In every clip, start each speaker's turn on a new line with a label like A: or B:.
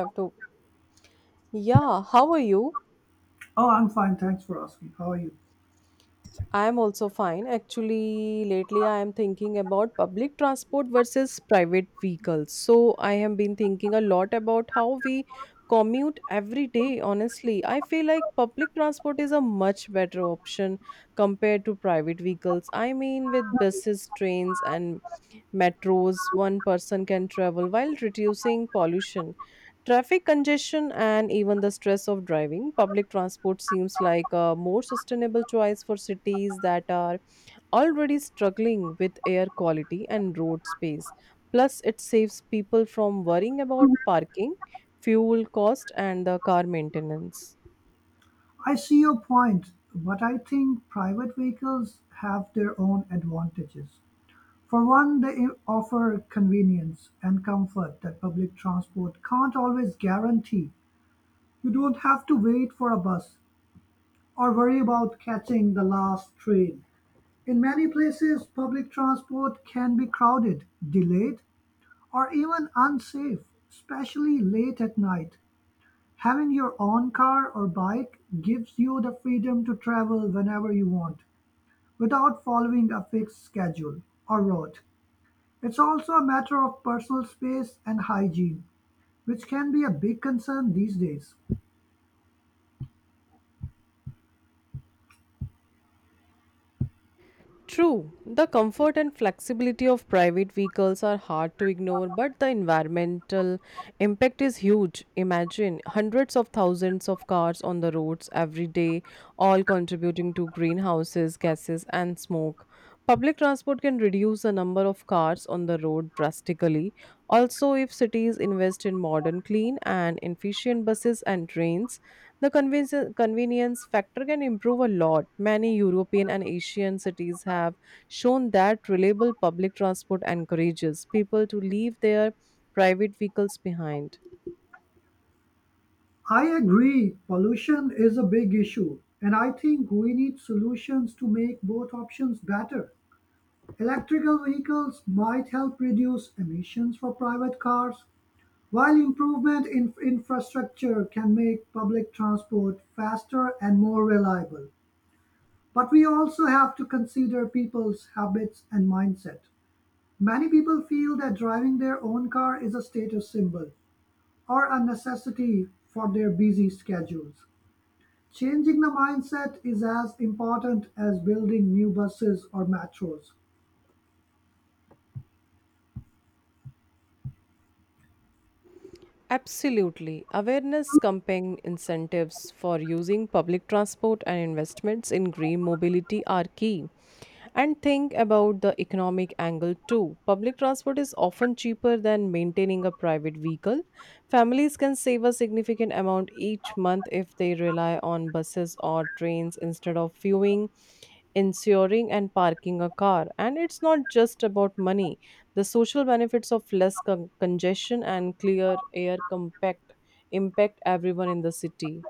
A: Have to. Yeah, how are you?
B: Oh, I'm fine. Thanks for asking. How are you?
A: I am also fine. Actually, lately I am thinking about public transport versus private vehicles. So I have been thinking a lot about how we commute every day. Honestly, I feel like public transport is a much better option compared to private vehicles. I mean, with buses, trains, and metros, one person can travel while reducing pollution. Traffic congestion and even the stress of driving, public transport seems like a more sustainable choice for cities that are already struggling with air quality and road space. Plus, it saves people from worrying about parking, fuel cost, and the car maintenance.
B: I see your point, but I think private vehicles have their own advantages. For one, they offer convenience and comfort that public transport can't always guarantee. You don't have to wait for a bus or worry about catching the last train. In many places, public transport can be crowded, delayed, or even unsafe, especially late at night. Having your own car or bike gives you the freedom to travel whenever you want, without following a fixed schedule or route. It's also a matter of personal space and hygiene, which can be a big concern these days.
A: True, the comfort and flexibility of private vehicles are hard to ignore, but the environmental impact is huge. Imagine hundreds of thousands of cars on the roads every day, all contributing to greenhouses, gases, and smoke. Public transport can reduce the number of cars on the road drastically. Also, if cities invest in modern, clean, and efficient buses and trains, the convenience factor can improve a lot. Many European and Asian cities have shown that reliable public transport encourages people to leave their private vehicles behind.
B: I agree, pollution is a big issue, and I think we need solutions to make both options better. Electrical vehicles might help reduce emissions for private cars, while improvement in infrastructure can make public transport faster and more reliable, but we also have to consider people's habits and mindset. Many people feel that driving their own car is a status symbol or a necessity for their busy schedules. Changing the mindset is as important as building new buses or metros.
A: Absolutely. Awareness campaign incentives for using public transport and investments in green mobility are key. And think about the economic angle too. Public transport is often cheaper than maintaining a private vehicle. Families can save a significant amount each month if they rely on buses or trains instead of fueling, insuring and parking a car. And it's not just about money. The social benefits of congestion and clear air compact impact everyone in the city.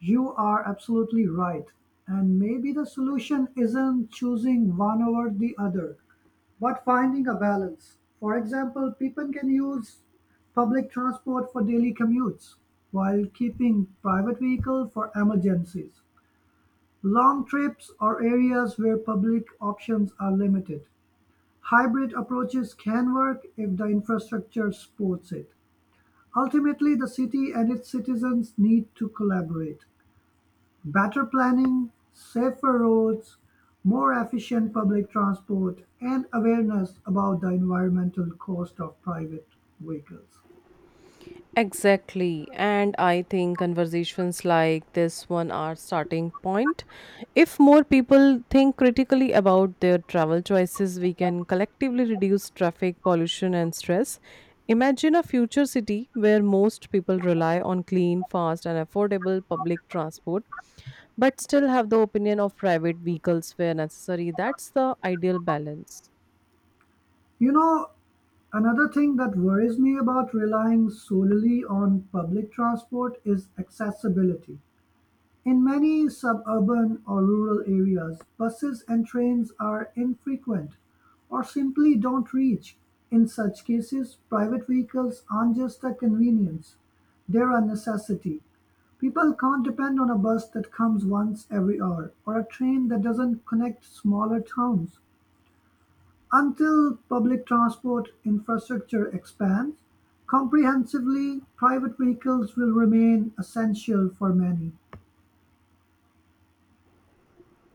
B: You are absolutely right, and maybe the solution isn't choosing one over the other, but finding a balance. For example, people can use public transport for daily commutes while keeping private vehicle for emergencies, long trips or areas where public options are limited. Hybrid approaches can work if the infrastructure supports it. Ultimately, the city and its citizens need to collaborate. Better planning, safer roads, more efficient public transport, and awareness about the environmental cost of private vehicles.
A: Exactly. And I think conversations like this one are starting point. If more people think critically about their travel choices, we can collectively reduce traffic pollution and stress. Imagine a future city where most people rely on clean, fast and affordable public transport but still have the opinion of private vehicles where necessary. That's the ideal balance.
B: You know, another thing that worries me about relying solely on public transport is accessibility. In many suburban or rural areas, buses and trains are infrequent, or simply don't reach. In such cases, private vehicles aren't just a convenience, they're a necessity. People can't depend on a bus that comes once every hour, or a train that doesn't connect smaller towns. Until public transport infrastructure expands comprehensively, private vehicles will remain essential for many.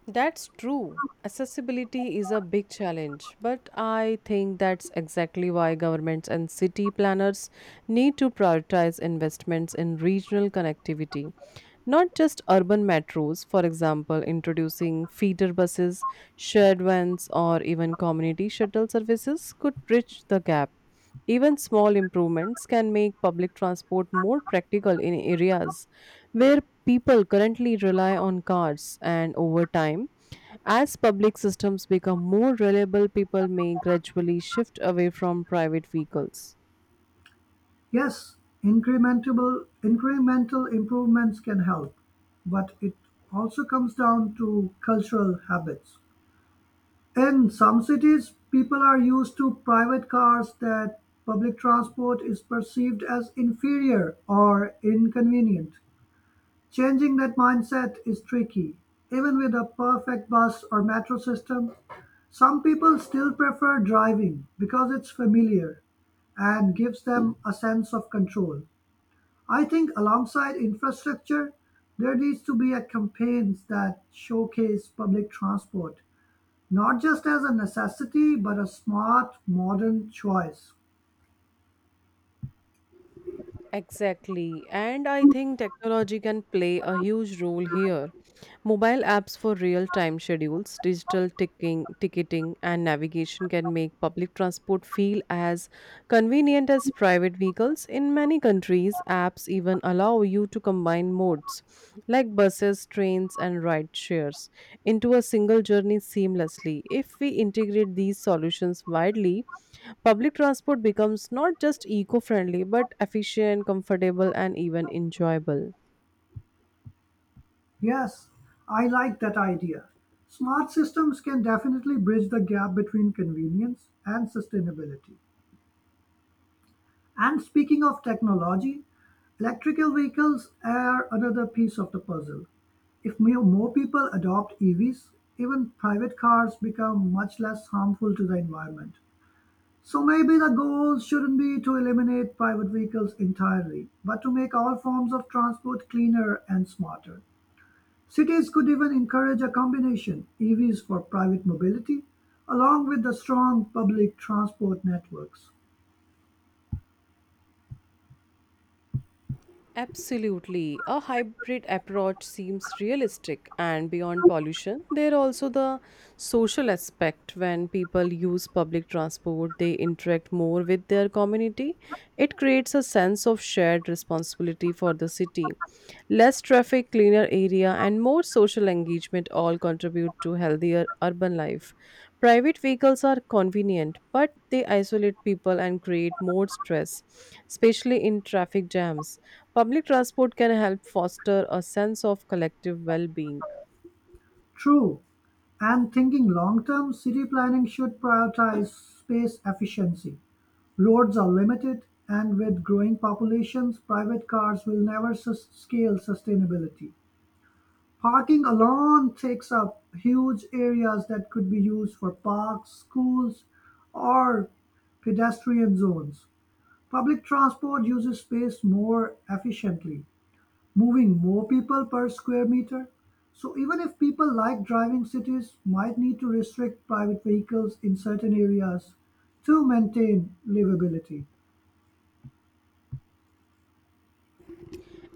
A: That's true. Accessibility is a big challenge, but I think that's exactly why governments and city planners need to prioritize investments in regional connectivity, not just urban metros, for example, introducing feeder buses, shared vans, or even community shuttle services could bridge the gap. Even small improvements can make public transport more practical in areas where people currently rely on cars, and over time, as public systems become more reliable, people may gradually shift away from private vehicles.
B: Yes, incrementable incremental improvements can help, but it also comes down to cultural habits. In some cities, people are used to private cars that public transport is perceived as inferior or inconvenient. Changing that mindset is tricky. Even with a perfect bus or metro system, some people still prefer driving because it's familiar and gives them a sense of control. I think alongside infrastructure, there needs to be a campaigns that showcase public transport, not just as a necessity, but a smart, modern choice.
A: Exactly. And I think technology can play a huge role here. Mobile apps for real time schedules, digital ticketing, and navigation can make public transport feel as convenient as private vehicles. In many countries, apps even allow you to combine modes like buses, trains, and ride shares into a single journey seamlessly. If we integrate these solutions widely, public transport becomes not just eco friendly but efficient, comfortable, and even enjoyable.
B: Yes, I like that idea. Smart systems can definitely bridge the gap between convenience and sustainability. And speaking of technology, electrical vehicles are another piece of the puzzle. If more people adopt EVs, even private cars become much less harmful to the environment. So maybe the goal shouldn't be to eliminate private vehicles entirely, but to make all forms of transport cleaner and smarter. Cities could even encourage a combination EVs for private mobility along with the strong public transport networks.
A: Absolutely. A hybrid approach seems realistic and beyond pollution. There are also the social aspect when people use public transport, they interact more with their community. It creates a sense of shared responsibility for the city. Less traffic, cleaner area, and more social engagement all contribute to healthier urban life. Private vehicles are convenient, but they isolate people and create more stress, especially in traffic jams. Public transport can help foster a sense of collective well being.
B: True. And thinking long term, city planning should prioritize space efficiency. Roads are limited, and with growing populations, private cars will never scale sustainability. Parking alone takes up huge areas that could be used for parks, schools, or pedestrian zones. Public transport uses space more efficiently, moving more people per square meter. So even if people like driving, cities might need to restrict private vehicles in certain areas to maintain livability.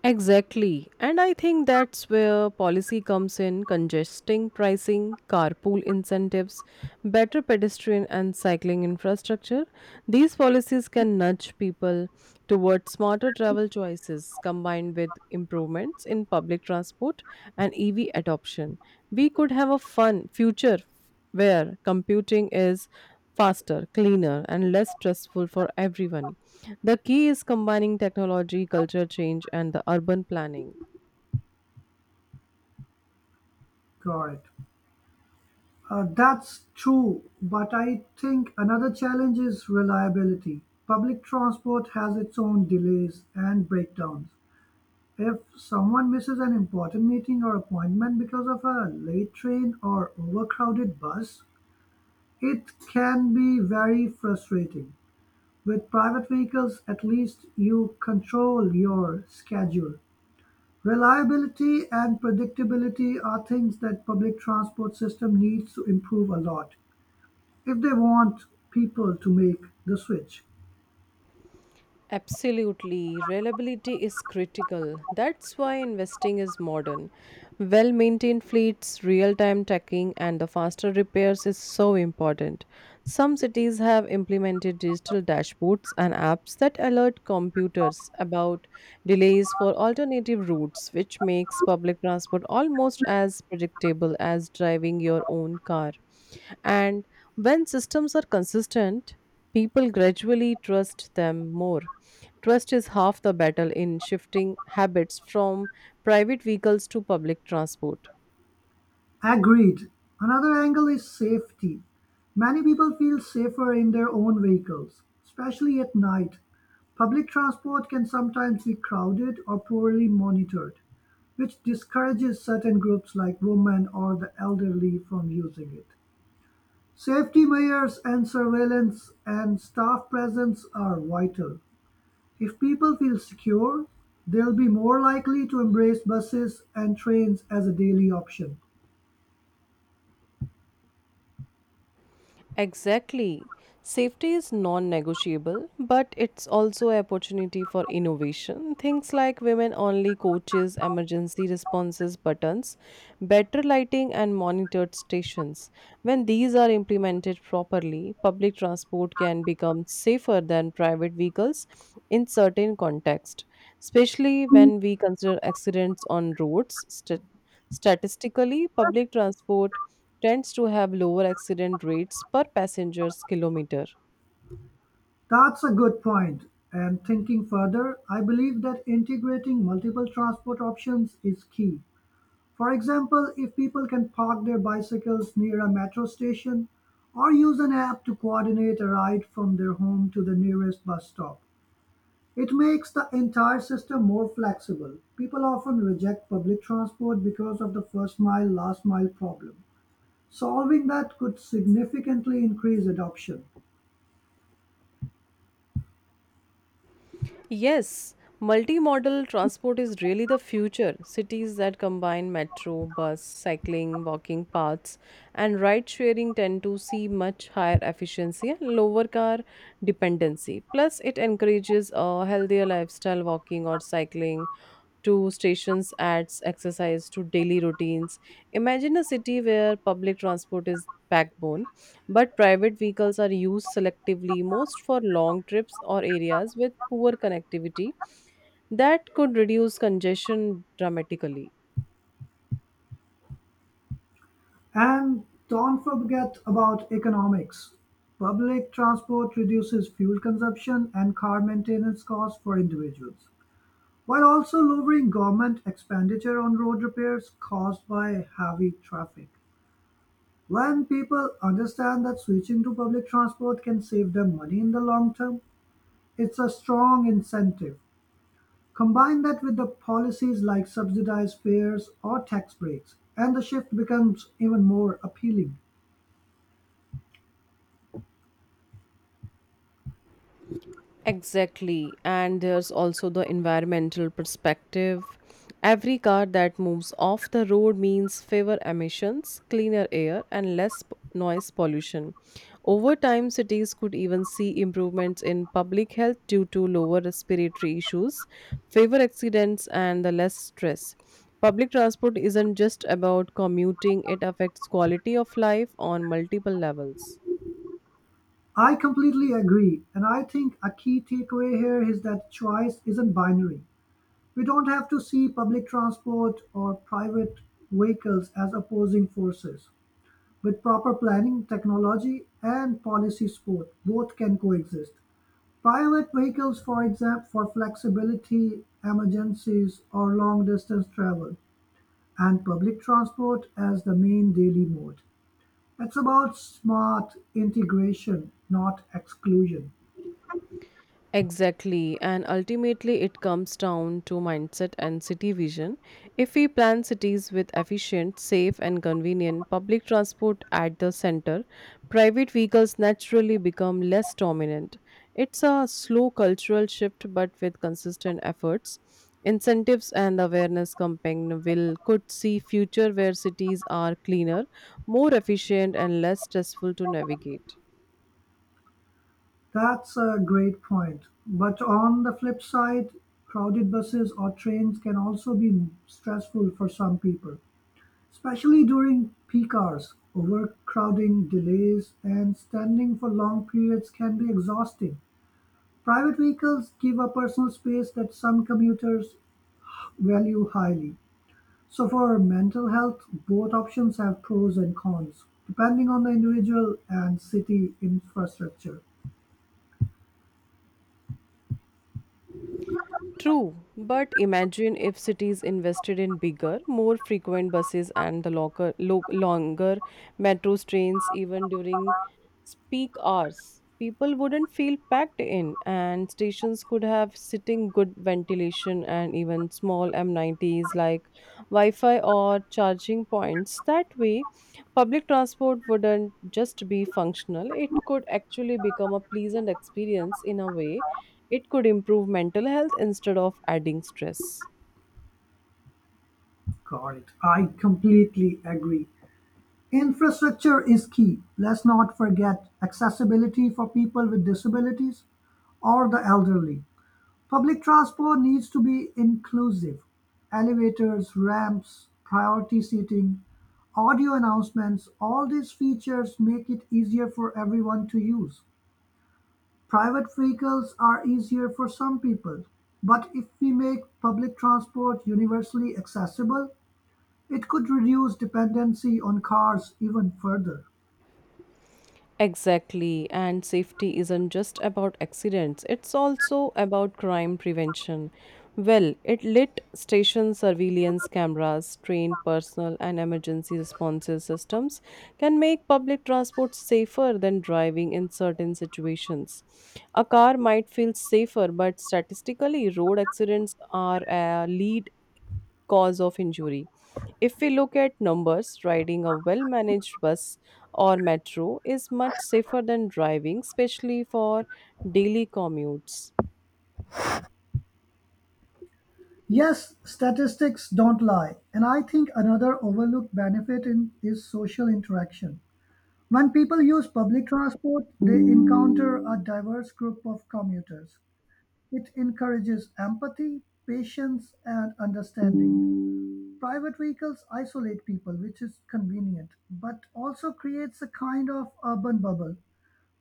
A: Exactly. And I think that's where policy comes in congesting pricing, carpool incentives, better pedestrian and cycling infrastructure. These policies can nudge people towards smarter travel choices combined with improvements in public transport and EV adoption. We could have a fun future where computing is faster, cleaner, and less stressful for everyone. The key is combining technology, culture change, and the urban planning.
B: Correct. That's true, but I think another challenge is reliability. Public transport has its own delays and breakdowns. If someone misses an important meeting or appointment because of a late train or overcrowded bus, it can be very frustrating. With private vehicles, at least you control your schedule. Reliability and predictability are things that public transport system needs to improve a lot if they want people to make the switch.
A: Absolutely. Reliability is critical. That's why investing is modern. Well maintained fleets, real time tracking, and the faster repairs is so important. Some cities have implemented digital dashboards and apps that alert computers about delays for alternative routes, which makes public transport almost as predictable as driving your own car. And when systems are consistent, people gradually trust them more. Trust is half the battle in shifting habits from private vehicles to public transport.
B: Agreed, another angle is safety. Many people feel safer in their own vehicles, especially at night. Public transport can sometimes be crowded or poorly monitored, which discourages certain groups like women or the elderly from using it. Safety measures and surveillance and staff presence are vital. If people feel secure, they'll be more likely to embrace buses and trains as a daily option.
A: Exactly. Safety is non negotiable, but it's also an opportunity for innovation. Things like women only coaches, emergency responses buttons, better lighting, and monitored stations. When these are implemented properly, public transport can become safer than private vehicles in certain contexts, especially when we consider accidents on roads. Statistically, public transport tends to have lower accident rates per passenger's kilometer.
B: That's a good point. And thinking further, I believe that integrating multiple transport options is key. For example, if people can park their bicycles near a metro station or use an app to coordinate a ride from their home to the nearest bus stop, it makes the entire system more flexible. People often reject public transport because of the first mile, last mile problem. Solving that could significantly increase adoption.
A: Yes, multimodal transport is really the future. Cities that combine metro, bus, cycling, walking paths, and ride sharing tend to see much higher efficiency and lower car dependency. Plus, it encourages a healthier lifestyle, walking or cycling to stations adds exercise to daily routines. Imagine a city where public transport is backbone but private vehicles are used selectively most for long trips or areas with poor connectivity. That could reduce congestion dramatically.
B: And don't forget about economics. Public transport reduces fuel consumption and car maintenance costs for individuals, while also lowering government expenditure on road repairs caused by heavy traffic. When people understand that switching to public transport can save them money in the long term, it's a strong incentive. Combine that with the policies like subsidized fares or tax breaks, and the shift becomes even more appealing.
A: Exactly. And there's also the environmental perspective. Every car that moves off the road means fewer emissions, cleaner air, and noise pollution. Over time, cities could even see improvements in public health due to lower respiratory issues, fewer accidents, and the less stress. Public transport isn't just about commuting, it affects quality of life on multiple levels.
B: I completely agree, and I think a key takeaway here is that choice isn't binary. We don't have to see public transport or private vehicles as opposing forces. With proper planning, technology, and policy support, both can coexist. Private vehicles, for example, for flexibility, emergencies, or long distance travel, and public transport as the main daily mode. It's about smart integration, not exclusion.
A: Exactly, and ultimately it comes down to mindset and city vision. If we plan cities with efficient, safe, and convenient public transport at the center, private vehicles naturally become less dominant. It's a slow cultural shift, but with consistent efforts, incentives, and awareness campaign will could see future where cities are cleaner, more efficient, and less stressful to navigate.
B: That's a great point. But on the flip side, crowded buses or trains can also be stressful for some people, especially during peak hours. Overcrowding, delays, and standing for long periods can be exhausting. Private vehicles give a personal space that some commuters value highly. So, for mental health, both options have pros and cons, depending on the individual and city infrastructure.
A: True, but imagine if cities invested in bigger, more frequent buses and the longer metro trains even during peak hours. People wouldn't feel packed in, and stations could have sitting good ventilation and even small M90s like Wi Fi or charging points. That way, public transport wouldn't just be functional, it could actually become a pleasant experience in a way it could improve mental health instead of adding stress.
B: Got it. I completely agree. Infrastructure is key. Let's not forget accessibility for people with disabilities or the elderly. Public transport needs to be inclusive. Elevators, ramps, priority seating, audio announcements, all these features make it easier for everyone to use. Private vehicles are easier for some people, but if we make public transport universally accessible, it could reduce dependency on cars even further.
A: Exactly, and safety isn't just about accidents, it's also about crime prevention. Well, it lit station surveillance cameras, trained personnel, and emergency responses systems can make public transport safer than driving in certain situations. A car might feel safer, but statistically, road accidents are a lead cause of injury. If we look at numbers, riding a well managed bus or metro is much safer than driving, especially for daily commutes.
B: Yes, statistics don't lie, and I think another overlooked benefit in is social interaction. When people use public transport, they encounter a diverse group of commuters. It encourages empathy, patience, and understanding. Private vehicles isolate people, which is convenient, but also creates a kind of urban bubble.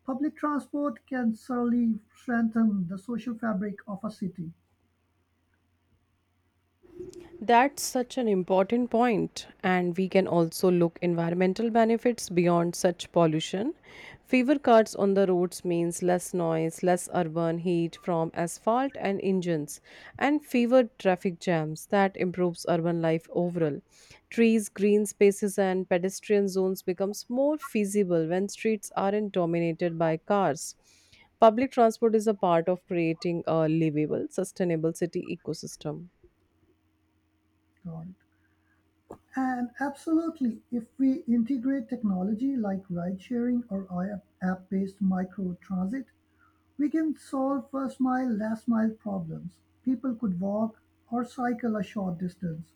B: Public transport can surely strengthen the social fabric of a city.
A: That's such an important point, and we can also look environmental benefits beyond such pollution. Fewer cars on the roads means less noise, less urban heat from asphalt and engines, and fewer traffic jams. That improves urban life overall. Trees, green spaces, and pedestrian zones becomes more feasible when streets aren't dominated by cars. Public transport is a part of creating a livable, sustainable city ecosystem.
B: Got it. And absolutely, if we integrate technology like ride sharing or app based micro transit, we can solve first mile, last mile problems. People could walk or cycle a short distance,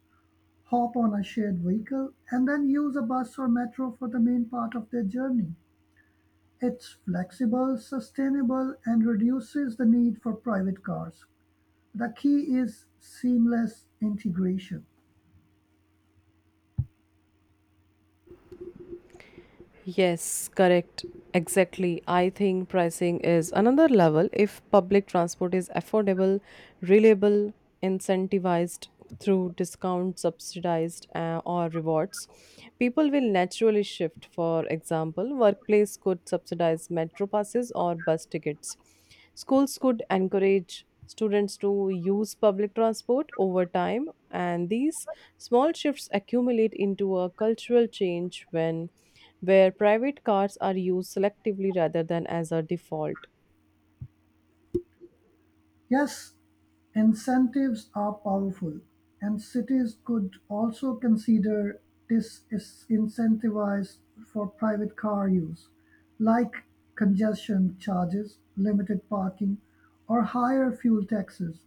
B: hop on a shared vehicle, and then use a bus or metro for the main part of their journey. It's flexible, sustainable, and reduces the need for private cars. The key is seamless integration.
A: Yes, correct. Exactly. I think pricing is another level if public transport is affordable, reliable, incentivized through discounts, subsidized, or rewards. People will naturally shift. For example, workplace could subsidize metro passes or bus tickets. Schools could encourage students to use public transport over time, and these small shifts accumulate into a cultural change when where private cars are used selectively rather than as a default.
B: Yes, incentives are powerful, and cities could also consider disincentives for private car use, like congestion charges, limited parking, or higher fuel taxes,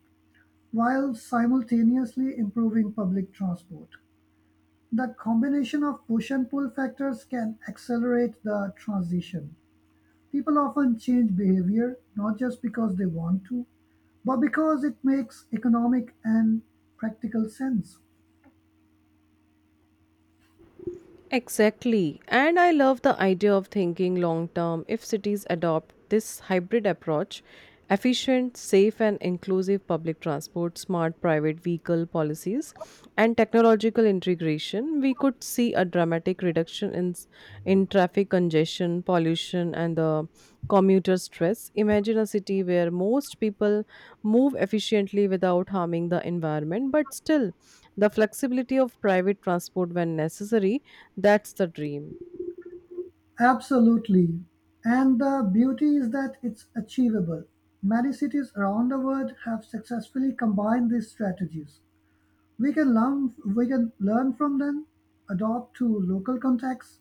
B: while simultaneously improving public transport. The combination of push and pull factors can accelerate the transition. People often change behavior not just because they want to, but because it makes economic and practical sense.
A: Exactly. And I love the idea of thinking long term if cities adopt this hybrid approach efficient, safe, and inclusive public transport, smart private vehicle policies, and technological integration, we could see a dramatic reduction in traffic congestion, pollution, and the commuter stress. Imagine a city where most people move efficiently without harming the environment, but still the flexibility of private transport when necessary, that's the dream.
B: Absolutely. And the beauty is that it's achievable. Many cities around the world have successfully combined these strategies. We can learn from them, adopt to local contexts,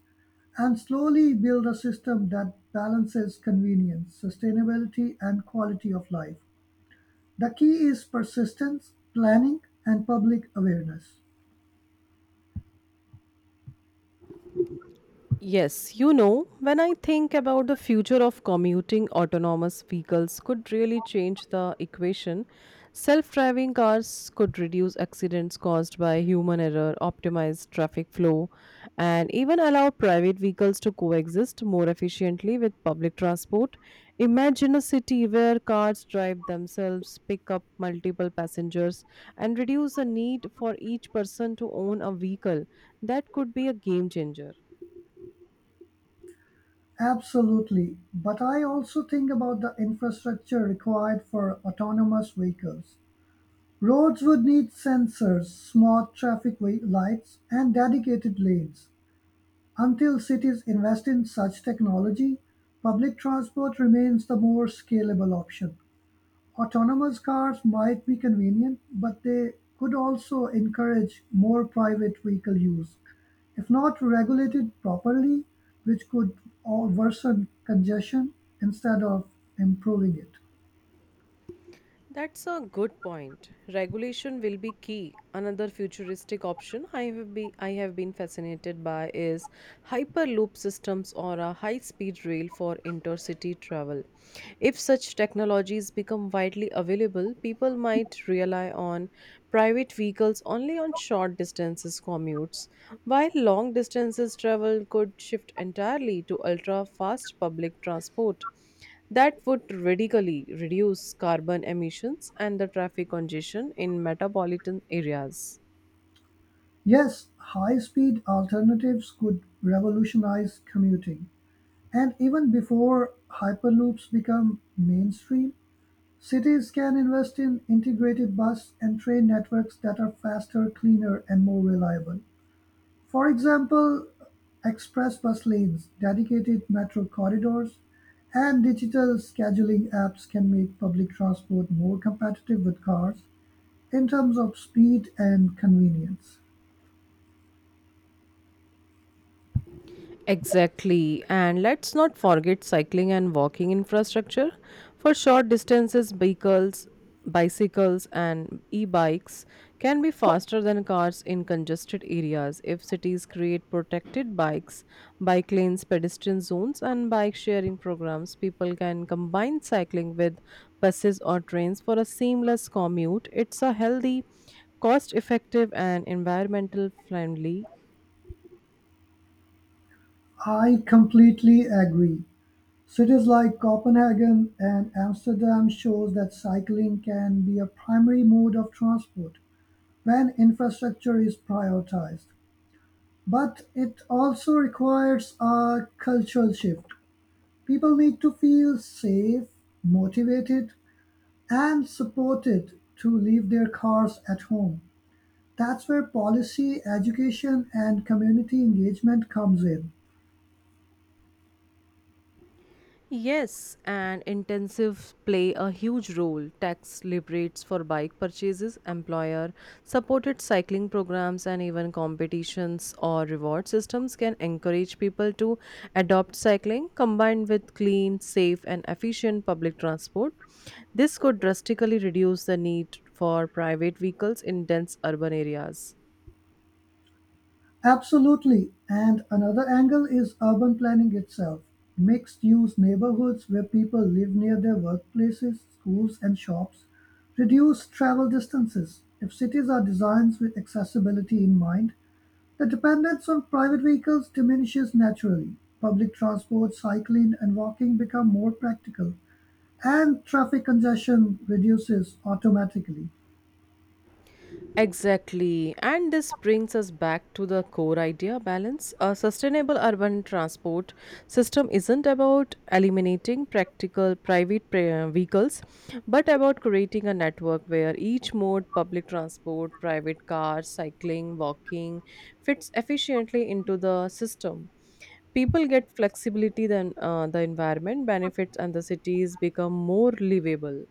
B: and slowly build a system that balances convenience, sustainability, and quality of life. The key is persistence, planning, and public awareness.
A: Yes, you know, when I think about the future of commuting, autonomous vehicles could really change the equation. Self driving cars could reduce accidents caused by human error, optimize traffic flow, and even allow private vehicles to coexist more efficiently with public transport. Out. Imagine a city where cars drive themselves, pick up multiple passengers, and reduce the need for each person to own a vehicle. That could be a game changer.
B: Absolutely. But I also think about the infrastructure required for autonomous vehicles. Roads would need sensors, smart traffic lights, and dedicated lanes. Until cities invest in such technology, public transport remains the more scalable option. Autonomous cars might be convenient, but they could also encourage more private vehicle use, if not regulated properly, which could all worsen congestion instead of improving it.
A: That's a good point. Regulation will be key. Another futuristic option I have been fascinated by is hyperloop systems or a high-speed rail for intercity travel. If such technologies become widely available, people might rely on private vehicles only on short distances commutes, while long distances travel could shift entirely to ultra-fast public transport. That would radically reduce carbon emissions and the traffic congestion in metropolitan areas.
B: Yes, high speed alternatives could revolutionize commuting. And even before Hyperloops become mainstream, cities can invest in integrated bus and train networks that are faster, cleaner, and more reliable. For example, express bus lanes, dedicated metro corridors, and digital scheduling apps can make public transport more competitive with cars in terms of speed and convenience.
A: Exactly. And let's not forget cycling and walking infrastructure for short distances vehicles, bicycles and e-bikes can be faster than cars in congested areas if cities create protected bikes bike lanes, pedestrian zones and bike sharing programs. People can combine cycling with buses or trains for a seamless commute. It's a healthy, cost effective and environmental friendly.
B: I completely agree. Cities like Copenhagen and Amsterdam shows that cycling can be a primary mode of transport when infrastructure is prioritized. But it also requires a cultural shift. People need to feel safe, motivated, and supported to leave their cars at home. That's where policy, education, and community engagement comes in.
A: Yes, and intensive play a huge role. Tax liberates for bike purchases, employer supported cycling programs, and even competitions or reward systems can encourage people to adopt cycling combined with clean, safe, and efficient public transport. This could drastically reduce the need for private vehicles in dense urban areas.
B: Absolutely. And another angle is urban planning itself. Mixed use neighborhoods where people live near their workplaces, schools, and shops reduce travel distances. If cities are designed with accessibility in mind, the dependence on private vehicles diminishes naturally, public transport, cycling and walking become more practical, and traffic congestion reduces automatically.
A: Exactly. And this brings us back to the core idea balance. A sustainable urban transport system isn't about eliminating vehicles, but about creating a network where each mode public transport, private cars, cycling, walking fits efficiently into the system. People get flexibility, the environment benefits, and the cities become more livable.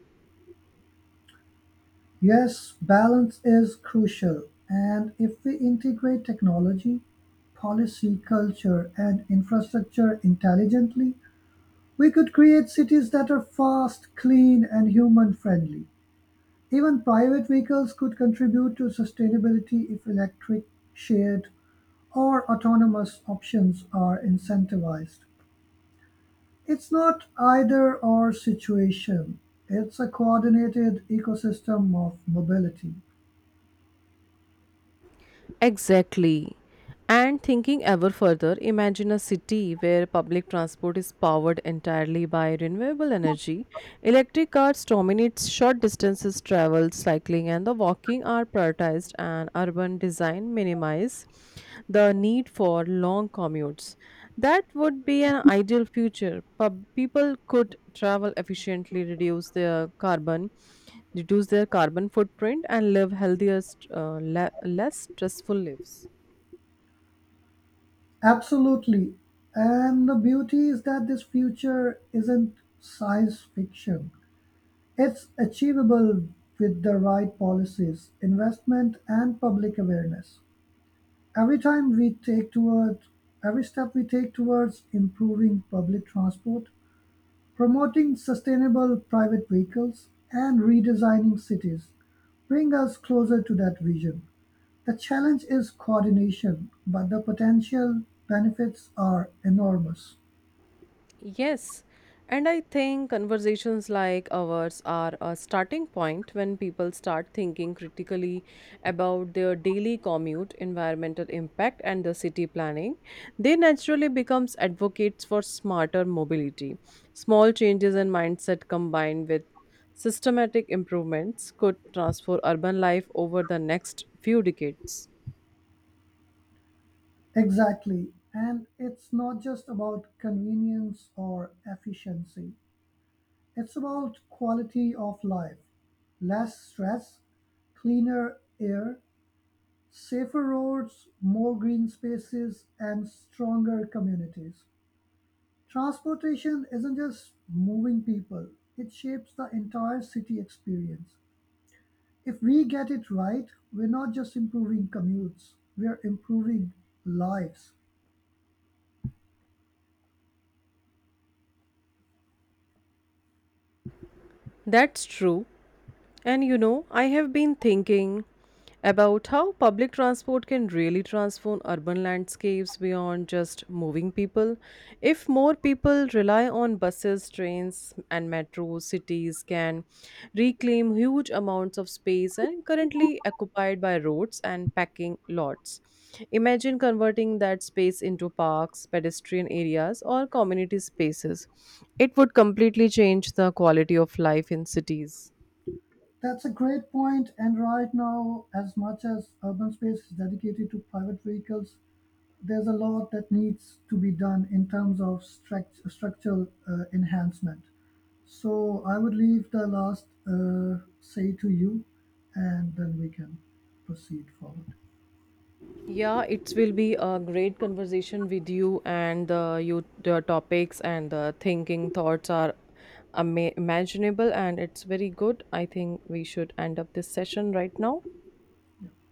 B: Yes, balance is crucial, and if we integrate technology, policy, culture, and infrastructure intelligently, we could create cities that are fast, clean, and human friendly. Even private vehicles could contribute to sustainability if electric, shared, or autonomous options are incentivized. It's not either or situation, it's a coordinated ecosystem of mobility.
A: Exactly. And thinking ever further, imagine a city where public transport is powered entirely by renewable energy. Electric cars dominate short distances travel, cycling, and the walking are prioritized, and urban design minimizes minimize the need for long commutes. That would be an ideal future. People could travel efficiently, carbon, reduce their carbon footprint, and live healthier, less stressful lives.
B: Absolutely. And the beauty is that this future isn't science fiction. It's achievable with the right policies, investment, and public awareness. Every time we take toward every step we take towards improving public transport, promoting sustainable private vehicles and redesigning cities bring us closer to that vision. The challenge is coordination, but the potential benefits are enormous.
A: Yes, and I think conversations like ours are a starting point when people start thinking critically about their daily commute, environmental impact, and the city planning. They naturally becomes advocates for smarter mobility. Small changes in mindset combined with systematic improvements could transform urban life over the next few decades.
B: Exactly. And it's not just about convenience or efficiency, it's about quality of life, less stress, cleaner air, safer roads, more green spaces, and stronger communities. Transportation isn't just moving people, it shapes the entire city experience. If we get it right, we're not just improving commutes, we're improving lives.
A: That's true. And you know, I have been thinking about how public transport can really transform urban landscapes beyond just moving people. If more people rely on buses, trains, and metros, cities can reclaim huge amounts of space and currently occupied by roads and packing lots. Imagine converting that space into parks, pedestrian areas, or community spaces. It would completely change the quality of life in cities.
B: That's a great point, and right now, as much as urban space is dedicated to private vehicles, there's a lot that needs to be done in terms of structural enhancement. So I would leave the last say to you, and then we can proceed forward.
A: Yeah, it will be a great conversation with you, and you the topics and the thinking thoughts are imaginable, and it's very good. I think we should end up this session right now.
B: Yeah.